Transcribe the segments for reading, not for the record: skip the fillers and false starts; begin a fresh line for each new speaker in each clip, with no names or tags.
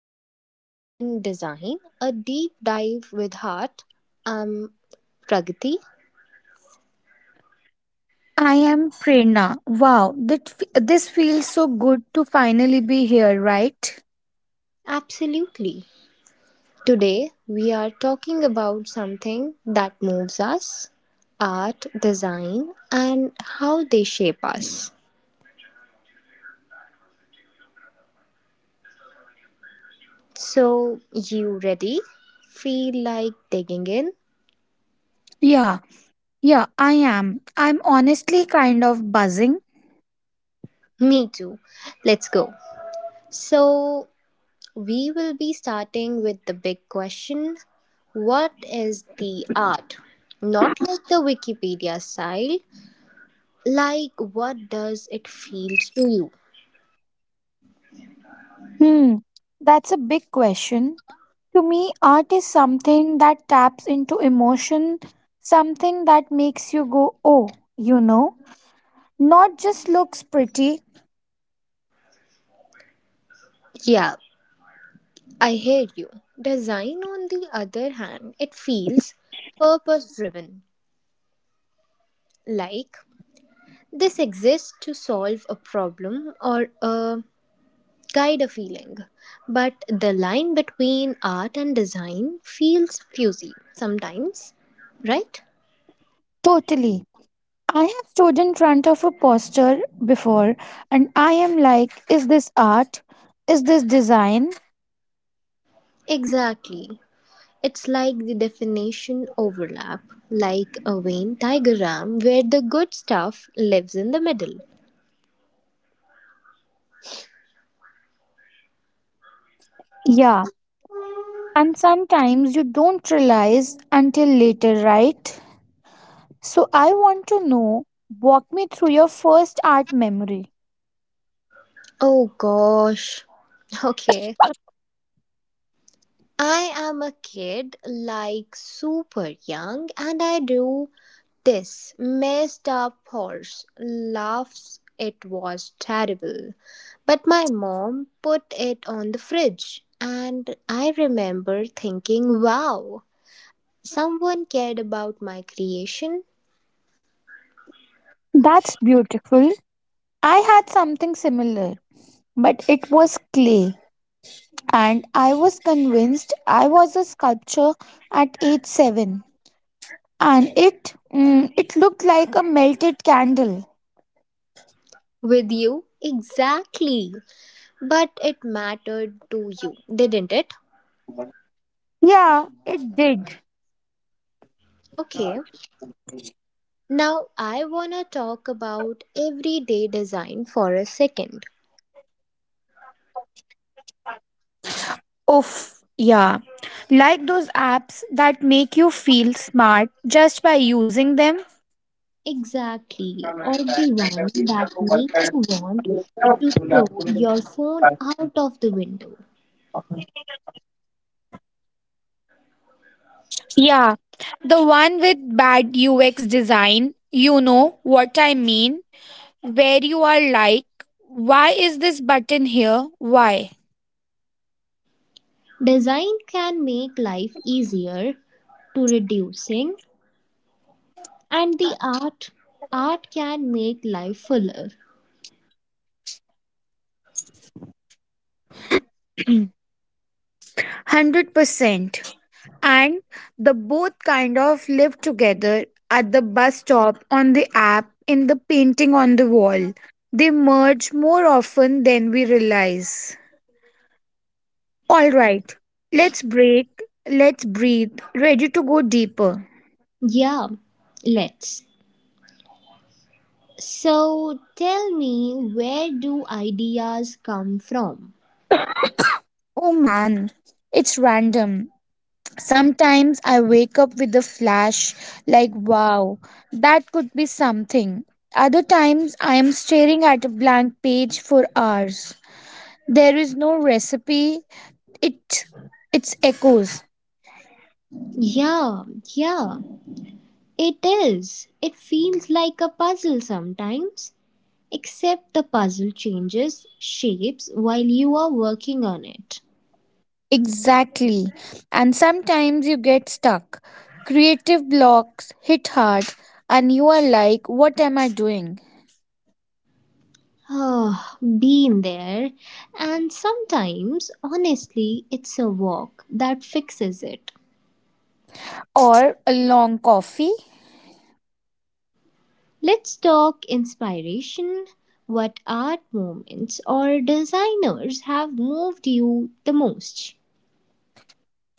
Welcome to Art and Design, a deep dive with heart. I'm Pragati.
I am Prerna. Wow, this feels so good to finally be here, right?
Absolutely. Today, we are talking about something that moves us art, design, and how they shape us. So, you ready? Feel like digging in?
Yeah, yeah, I am. I'm honestly kind of buzzing.
Me too. Let's go. So, we will be starting with the big question. What is the art? Not like the Wikipedia style, like what does it feel to you?
Hmm, that's a big question. To me, art is something that taps into emotion, something that makes you go, oh, you know, not just looks pretty.
Yeah, I hear you. Design, on the other hand, it feels purpose driven, like this exists to solve a problem or a guide a feeling. But the line between art and design feels fuzzy sometimes, right?
Totally. I have stood in front of a poster before and I am like, is this art? Is this design?
Exactly. It's like the definition overlap, like a Venn diagram where the good stuff lives in the middle.
Yeah. And sometimes you don't realize until later, right? So I want to know, walk me through your first art memory.
Oh gosh. Okay. I am a kid, like super young, and I do this messed up horse laughs. It was terrible. But my mom put it on the fridge, and I remember thinking, wow, someone cared about my creation.
That's beautiful. I had something similar, but it was clay. And I was convinced I was a sculpture at age 7. And it looked like a melted candle.
With you? Exactly. But it mattered to you, didn't it?
Yeah, it did.
Okay. Now I want to talk about everyday design for a second.
Oof, yeah. Like those apps that make you feel smart just by using them.
Exactly. Or the one that makes you want to throw your phone out of the window.
Yeah, the one with bad UX design, you know what I mean, where you are like, why is this button here? Why?
Design can make life easier to reducing, and the art can make life fuller.
100%. And the both kind of live together at the bus stop, on the app, in the painting on the wall. They merge more often than we realize. All right, let's break, let's breathe, ready to go deeper.
Yeah, let's. So tell me, where do ideas come from?
Oh man, it's random. Sometimes I wake up with a flash, like, wow, that could be something. Other times I am staring at a blank page for hours. There is no recipe, it, it's echoes.
Yeah, yeah, it is. It feels like a puzzle sometimes, except the puzzle changes shapes while you are working on it.
Exactly. And sometimes you get stuck. Creative blocks hit hard, and you are like, what am I doing?
Ah, been there. And sometimes, honestly, it's a walk that fixes it.
Or a long coffee.
Let's talk inspiration. What art moments or designers have moved you the most?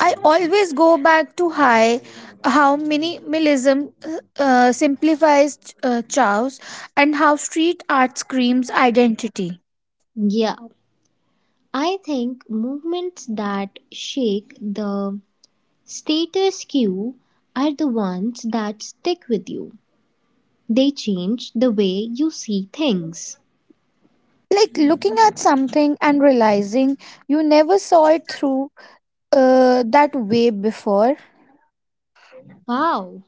I always go back to high how minimalism simplifies chows, and how street art screams identity.
Yeah, I think movements that shake the status quo are the ones that stick with you. They change the way you see things.
Like looking at something and realizing you never saw it through that way before.
Wow,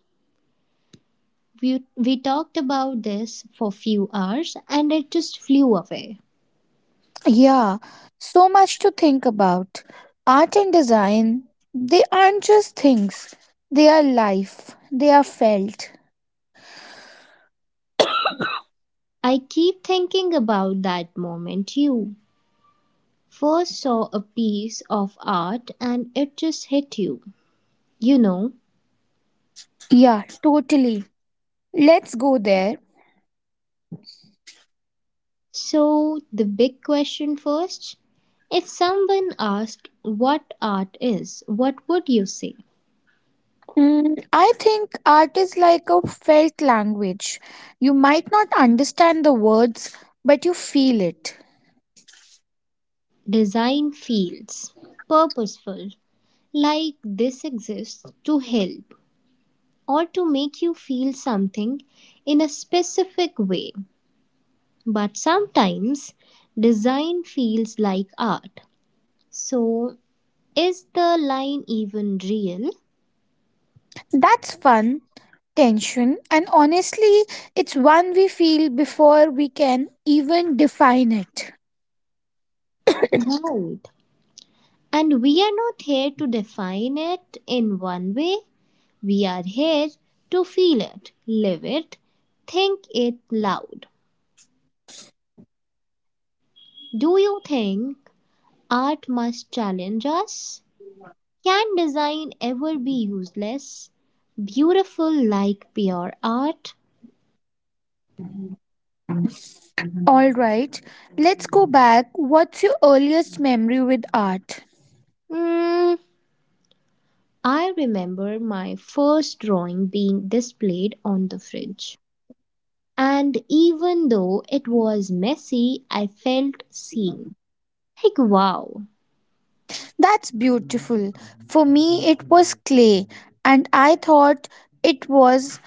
we talked about this for few hours and it just flew away.
Yeah, so much to think about. Art and design, they aren't just things, they are life, they are felt.
I keep thinking about that moment you first saw a piece of art and it just hit you, you know.
Yeah, totally. Let's go there.
So, the big question first, if someone asked what art is, what would you say?
I think art is like a felt language. You might not understand the words, but you feel it.
Design feels purposeful, like this exists to help or to make you feel something in a specific way. But sometimes design feels like art. So, is the line even real?
That's fun, tension, and honestly, it's one we feel before we can even define it.
Right. And we are not here to define it in one way. We are here to feel it, live it, think it loud. Do you think art must challenge us? Can design ever be useless? Beautiful like pure art?
All right, let's go back. What's your earliest memory with art?
Mm, I remember my first drawing being displayed on the fridge. And even though it was messy, I felt seen. Like, wow,
That's beautiful. For me, it was clay, and I thought it was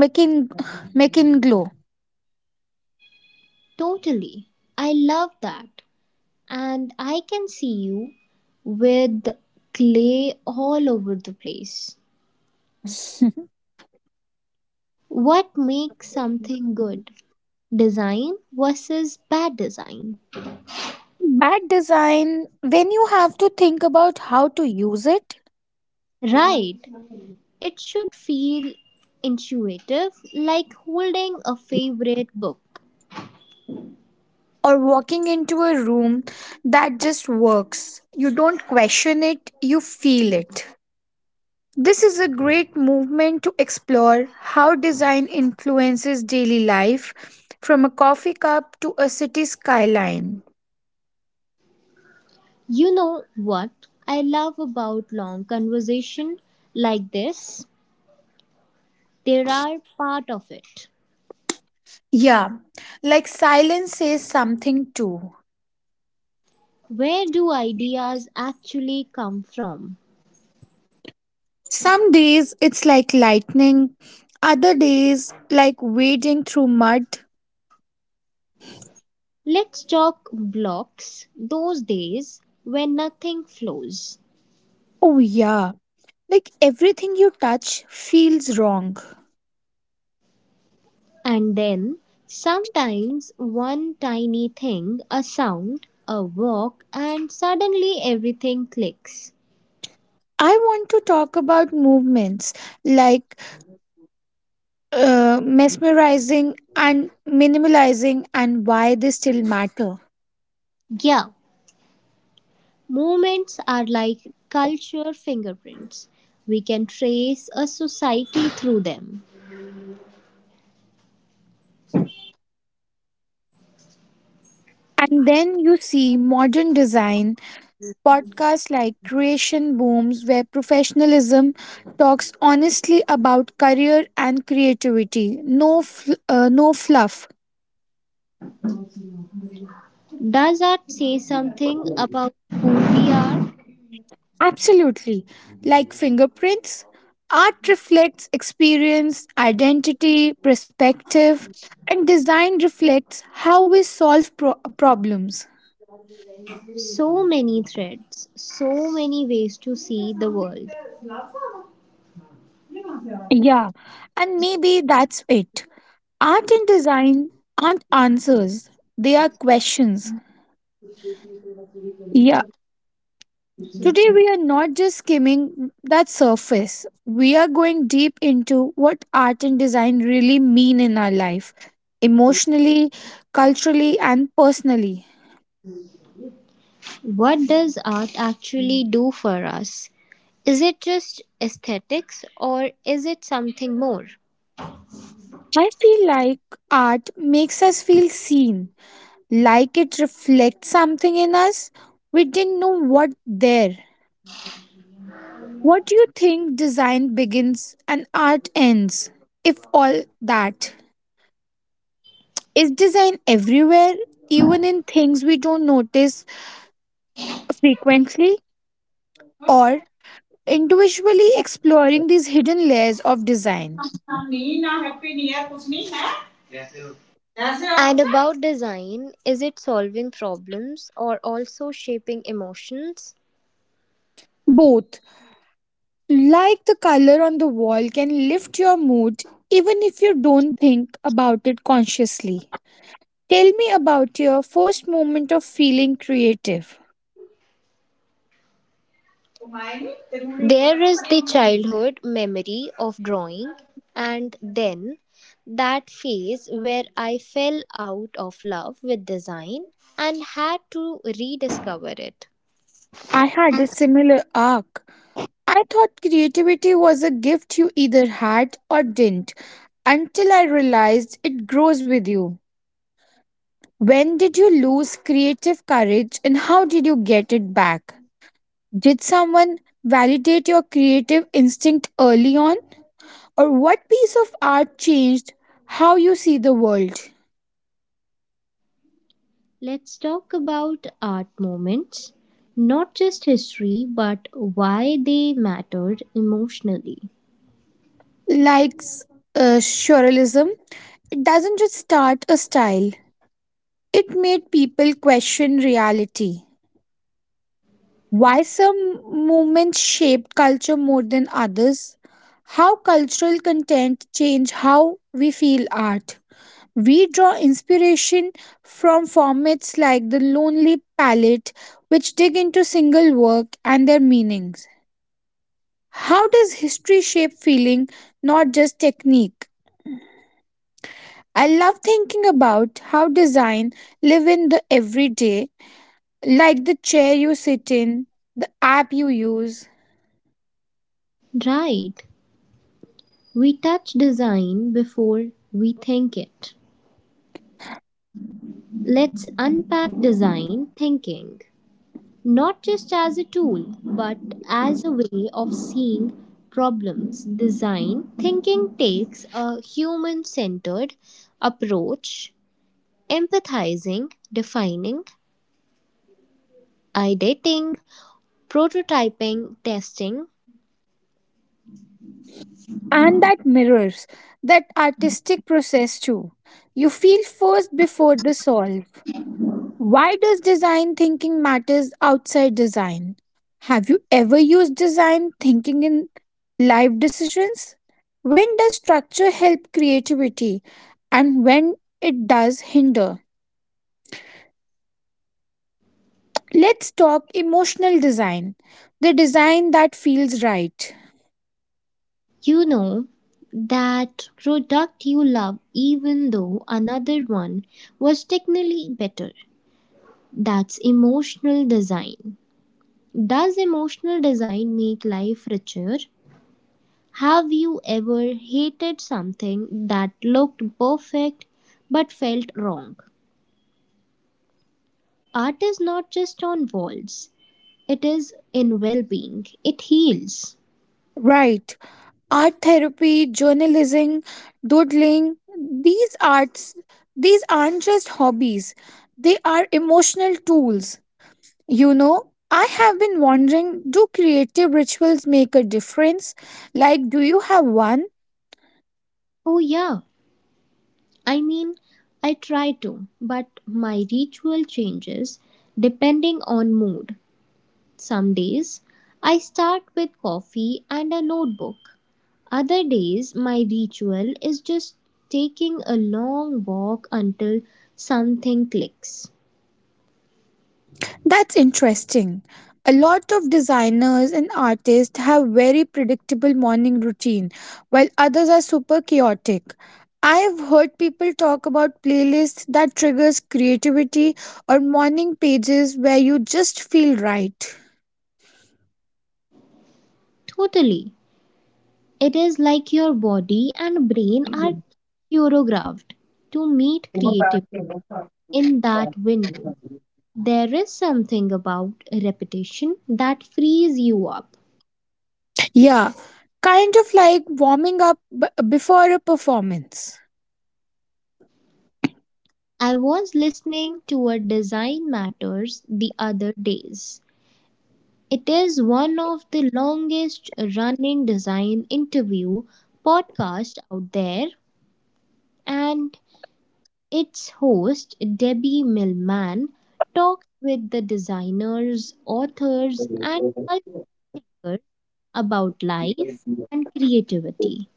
making making glow.
totally. I love that. And I can see you with clay all over the place. What makes something good? Design versus bad design.
Bad design, when you have to think about how to use it,
Right. It should feel intuitive, like holding a favorite book.
or walking into a room that just works. You don't question it, you feel it. This is a great movement to explore how design influences daily life from a coffee cup to a city skyline.
You know what I love about long conversation like this? There are part of it.
Yeah, like silence says something too.
Where do ideas actually come from?
Some days it's like lightning, other days like wading through mud.
Let's talk blocks, those days when nothing flows.
Oh, yeah. Like everything you touch feels wrong.
And then, sometimes one tiny thing, a sound, a walk, and suddenly everything clicks.
I want to talk about movements like mesmerizing and minimalizing and why they still matter.
Yeah, moments are like culture fingerprints. We can trace a society through them.
And then you see modern design podcasts like Creation Booms, where professionalism talks honestly about career and creativity. No, no fluff.
Does that say something about who we are?
Absolutely. Like fingerprints, art reflects experience, identity, perspective, and design reflects how we solve problems.
So many threads, so many ways to see the world.
Yeah, and maybe that's it. Art and design aren't answers, they are questions. Yeah. Today, we are not just skimming that surface. We are going deep into what art and design really mean in our life, emotionally, culturally, and personally.
What does art actually do for us? Is it just aesthetics or is it something more?
I feel like art makes us feel seen, like it reflects something in us we didn't know what there. What do you think design begins and art ends, if all that? Is design everywhere, even in things we don't notice frequently or individually, exploring these hidden layers of design.
And about design, is it solving problems or also shaping emotions?
Both, like the color on the wall can lift your mood even if you don't think about it consciously. Tell me about your first moment of feeling creative.
There is the childhood memory of drawing, and then that phase where I fell out of love with design and had to rediscover it.
I had a similar arc. I thought creativity was a gift you either had or didn't, until I realized it grows with you. When did you lose creative courage and how did you get it back? Did someone validate your creative instinct early on? Or what piece of art changed how you see the world?
Let's talk about art moments, not just history, but why they mattered emotionally.
Like surrealism, it doesn't just start a style, it made people question reality. Why some movements shaped culture more than others? How cultural content changed how we feel art? We draw inspiration from formats like the Lonely Palette, which dig into single work and their meanings. How does history shape feeling, not just technique? I love thinking about how design live in the everyday, like the chair you sit in, the app you use,
Right, we touch design before we think it. Let's unpack design thinking, not just as a tool, but as a way of seeing problems. Design thinking takes a human centered approach: empathizing, defining, ideating, prototyping, testing.
and that mirrors that artistic process too. You feel first before the solve. Why does design thinking matters outside design? Have you ever used design thinking in life decisions? When does structure help creativity and when it does hinder? Let's talk emotional design, the design that feels right.
You know that product you love, even though another one was technically better. That's emotional design. Does emotional design make life richer? Have you ever hated something that looked perfect but felt wrong? Art is not just on walls, it is in well being. It heals.
Right. Art therapy, journalism, doodling, these arts, these aren't just hobbies. They are emotional tools. You know, I have been wondering, do creative rituals make a difference? Like, do you have one?
Oh, yeah. I mean, I try to, but my ritual changes depending on mood. Some days, I start with coffee and a notebook. Other days, my ritual is just taking a long walk until something clicks.
That's interesting. A lot of designers and artists have very predictable morning routine, while others are super chaotic. I have heard people talk about playlists that triggers creativity or morning pages where you just feel right.
Totally. It is like your body and brain are choreographed to meet creative in that window. There is something about repetition that frees you up.
Yeah, kind of like warming up before a performance.
I was listening to a Design Matters the other days. It is one of the longest running design interview podcast out there, and its host, Debbie Millman, talks with the designers, authors, and culture thinkers about life and creativity.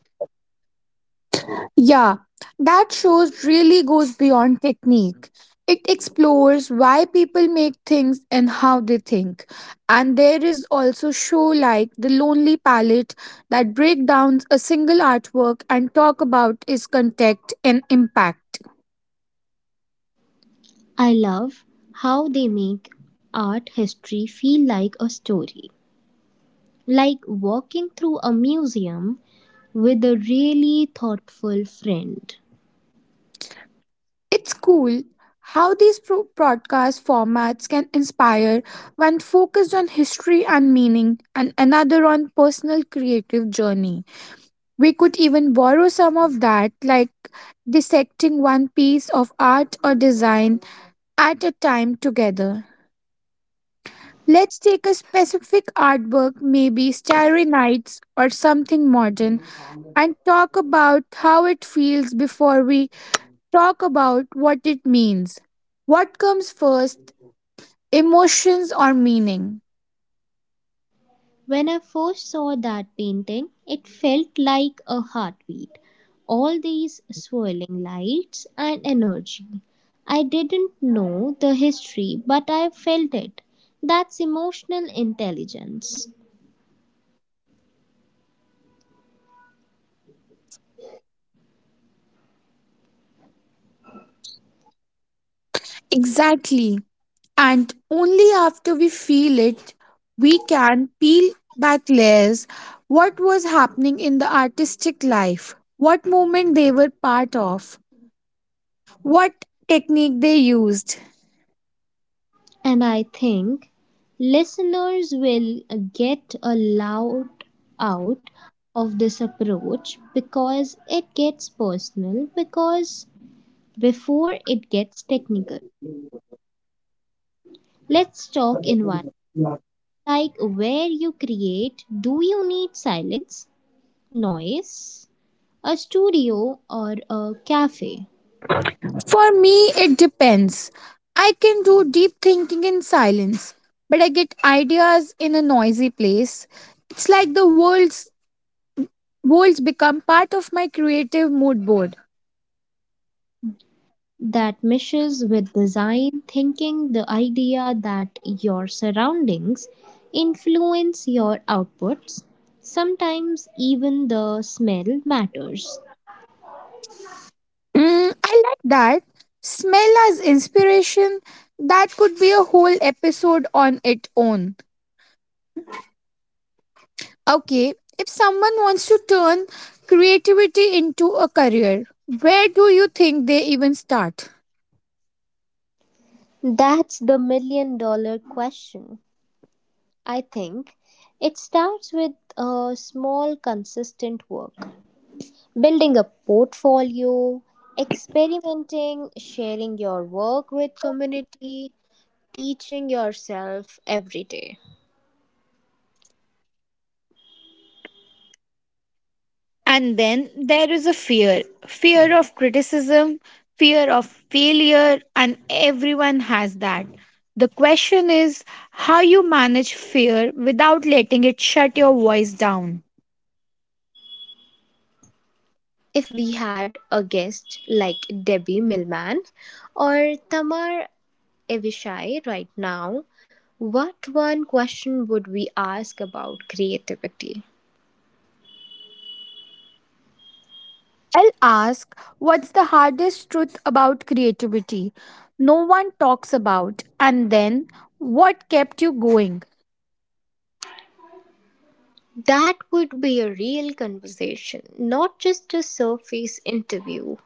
Yeah, that shows really goes beyond technique. It explores why people make things and how they think. And there is also show like The Lonely Palette that break down a single artwork and talk about its context and impact.
I love how they make art history feel like a story, like walking through a museum with a really thoughtful friend.
It's cool how these broadcast formats can inspire one focused on history and meaning and another on personal creative journey. We could even borrow some of that, like dissecting one piece of art or design at a time together. Let's take a specific artwork, maybe Starry Nights or something modern, and talk about how it feels before we talk about what it means. What comes first, emotions or meaning?
When I first saw that painting, it felt like a heartbeat. All these swirling lights and energy. I didn't know the history, but I felt it. That's emotional intelligence.
Exactly. And only after we feel it we can peel back layers, what was happening in the artistic life, what moment they were part of, what technique they used.
And I think listeners will get a lot out of this approach because it gets personal, because before it gets technical. Let's talk environment, like where you create. Do you need silence, noise, a studio, or a cafe
For me it depends. I can do deep thinking in silence, but I get ideas in a noisy place. It's like the world's worlds become part of my creative mood board.
that meshes with design thinking? The idea that your surroundings influence your outputs, sometimes even the smell matters.
Mm, I like that. Smell as inspiration, that could be a whole episode on its own. Okay, if someone wants to turn creativity into a career, where do you think they even start?
That's the million dollar question. I think it starts with a small, consistent work, building a portfolio, experimenting, sharing your work with community, teaching yourself every day.
And then there is a fear of criticism, fear of failure, and everyone has that. The question is how you manage fear without letting it shut your voice down.
If we had a guest like Debbie Millman or Tamar Avishai right now, what one question would we ask about creativity?
I'll ask, what's the hardest truth about creativity no one talks about, and then what kept you going?
That would be a real conversation, not just a surface interview.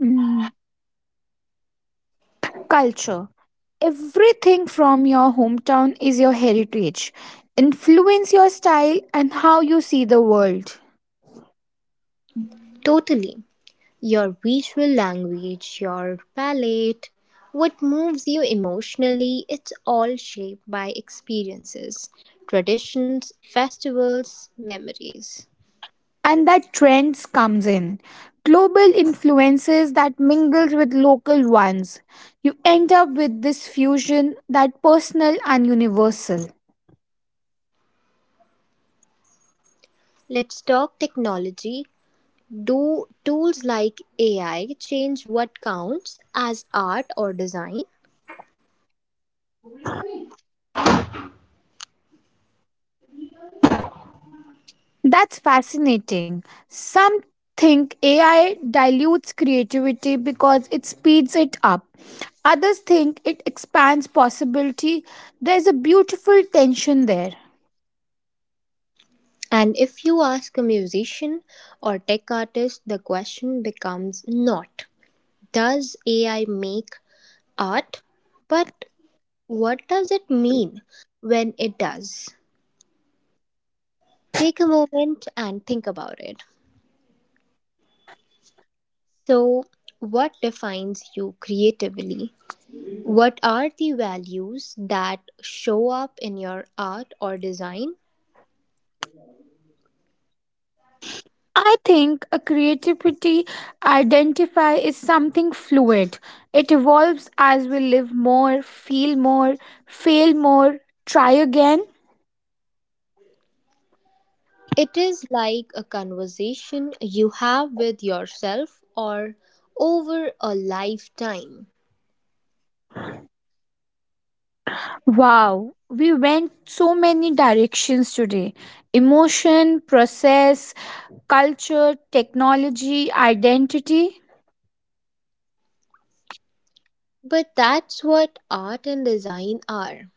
Mm, culture. Everything from your hometown is your heritage. Influence your style and how you see the world. Mm.
Totally. Your visual language, your palate, what moves you emotionally, it's all shaped by experiences, traditions, festivals, memories.
And that trends comes in, global influences that mingles with local ones, you end up with this fusion that personal and universal.
Let's talk technology. Do tools like AI change what counts as art or design?
That's fascinating. Some think AI dilutes creativity because it speeds it up, others think it expands possibility. There's a beautiful tension there.
And if you ask a musician or tech artist, the question becomes not does AI make art, but what does it mean when it does? Take a moment and think about it. So, what defines you creatively? What are the values that show up in your art or design?
I think a creativity identify is something fluid. It evolves as we live more, feel more, fail more, try again.
It is like a conversation you have with yourself or over a lifetime.
Wow, we went so many directions today. Emotion, process, culture, technology, identity.
But that's what art and design are.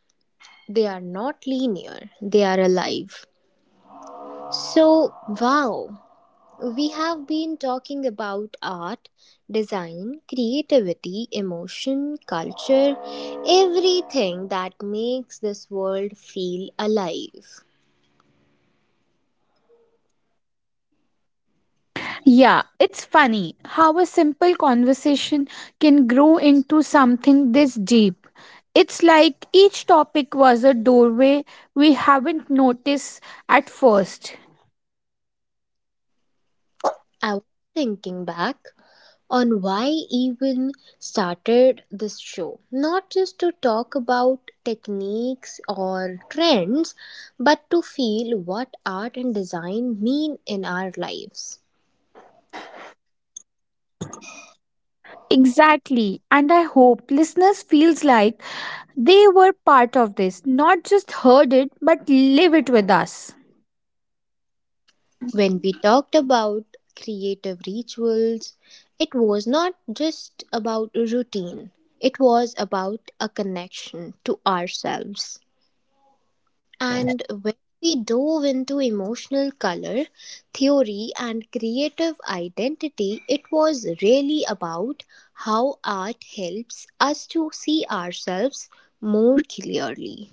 They are not linear, they are alive. So, wow, we have been talking about art, design, creativity, emotion, culture, everything that makes this world feel alive.
Yeah, it's funny how a simple conversation can grow into something this deep. It's like each topic was a doorway we haven't noticed at first.
I was thinking back on why even started this show, not just to talk about techniques or trends, but to feel what art and design mean in our lives.
Exactly, and I hope listeners feels like they were part of this, not just heard it but live it with us.
When we talked about creative rituals, it was not just about routine, it was about a connection to ourselves. And when we dove into emotional color theory and creative identity, it was really about how art helps us to see ourselves more clearly.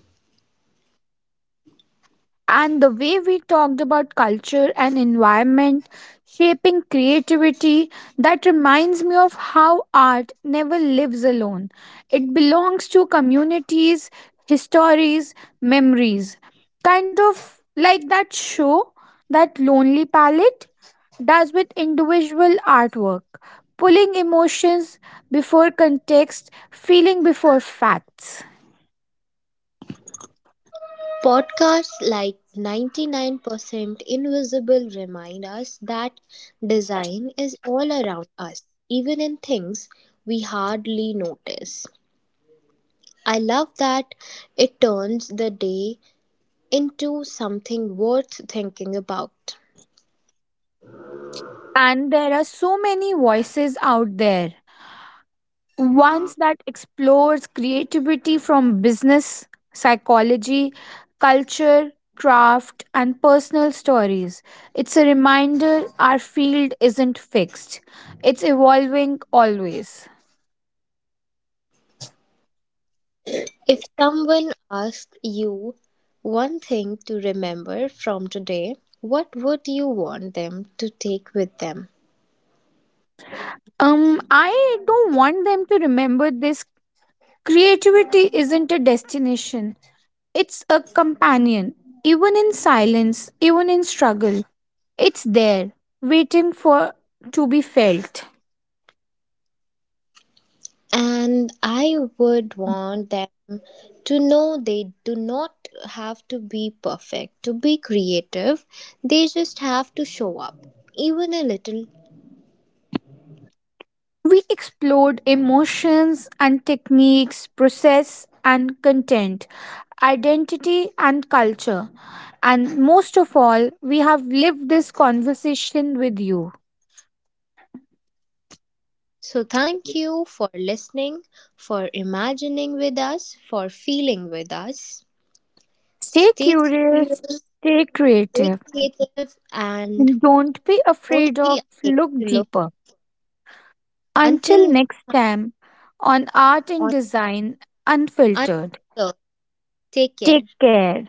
And the way we talked about culture and environment shaping creativity, that reminds me of how art never lives alone. It belongs to communities, histories, memories. Kind of like that show, that Lonely Palette does with individual artwork, pulling emotions before context, feeling before facts.
Podcasts like 99% Invisible remind us that design is all around us, even in things we hardly notice. I love that it turns the day into something worth thinking about.
And there are so many voices out there, ones that explores creativity from business, psychology, culture, craft, and personal stories. It's a reminder our field isn't fixed, it's evolving always.
If someone asked you one thing to remember from today, what would you want them to take with them?
I don't want them to remember this, creativity isn't a destination, it's a companion. Even in silence, even in struggle, it's there, waiting for to be felt.
And I would want them to know they do not have to be perfect to be creative. They just have to show up, even a little.
We explored emotions and techniques, process and content, identity and culture. And most of all, we have lived this conversation with you.
So, thank you for listening, for imagining with us, for feeling with us.
Stay
Stay
curious,
curious,
stay
stay
creative,
creative, and
and don't be
don't
afraid
be
of
afraid
look
to look
deeper.
until
Until
next
next
time
time on Art
on
and Design Unfiltered.
Unfiltered. Take care.
Take care.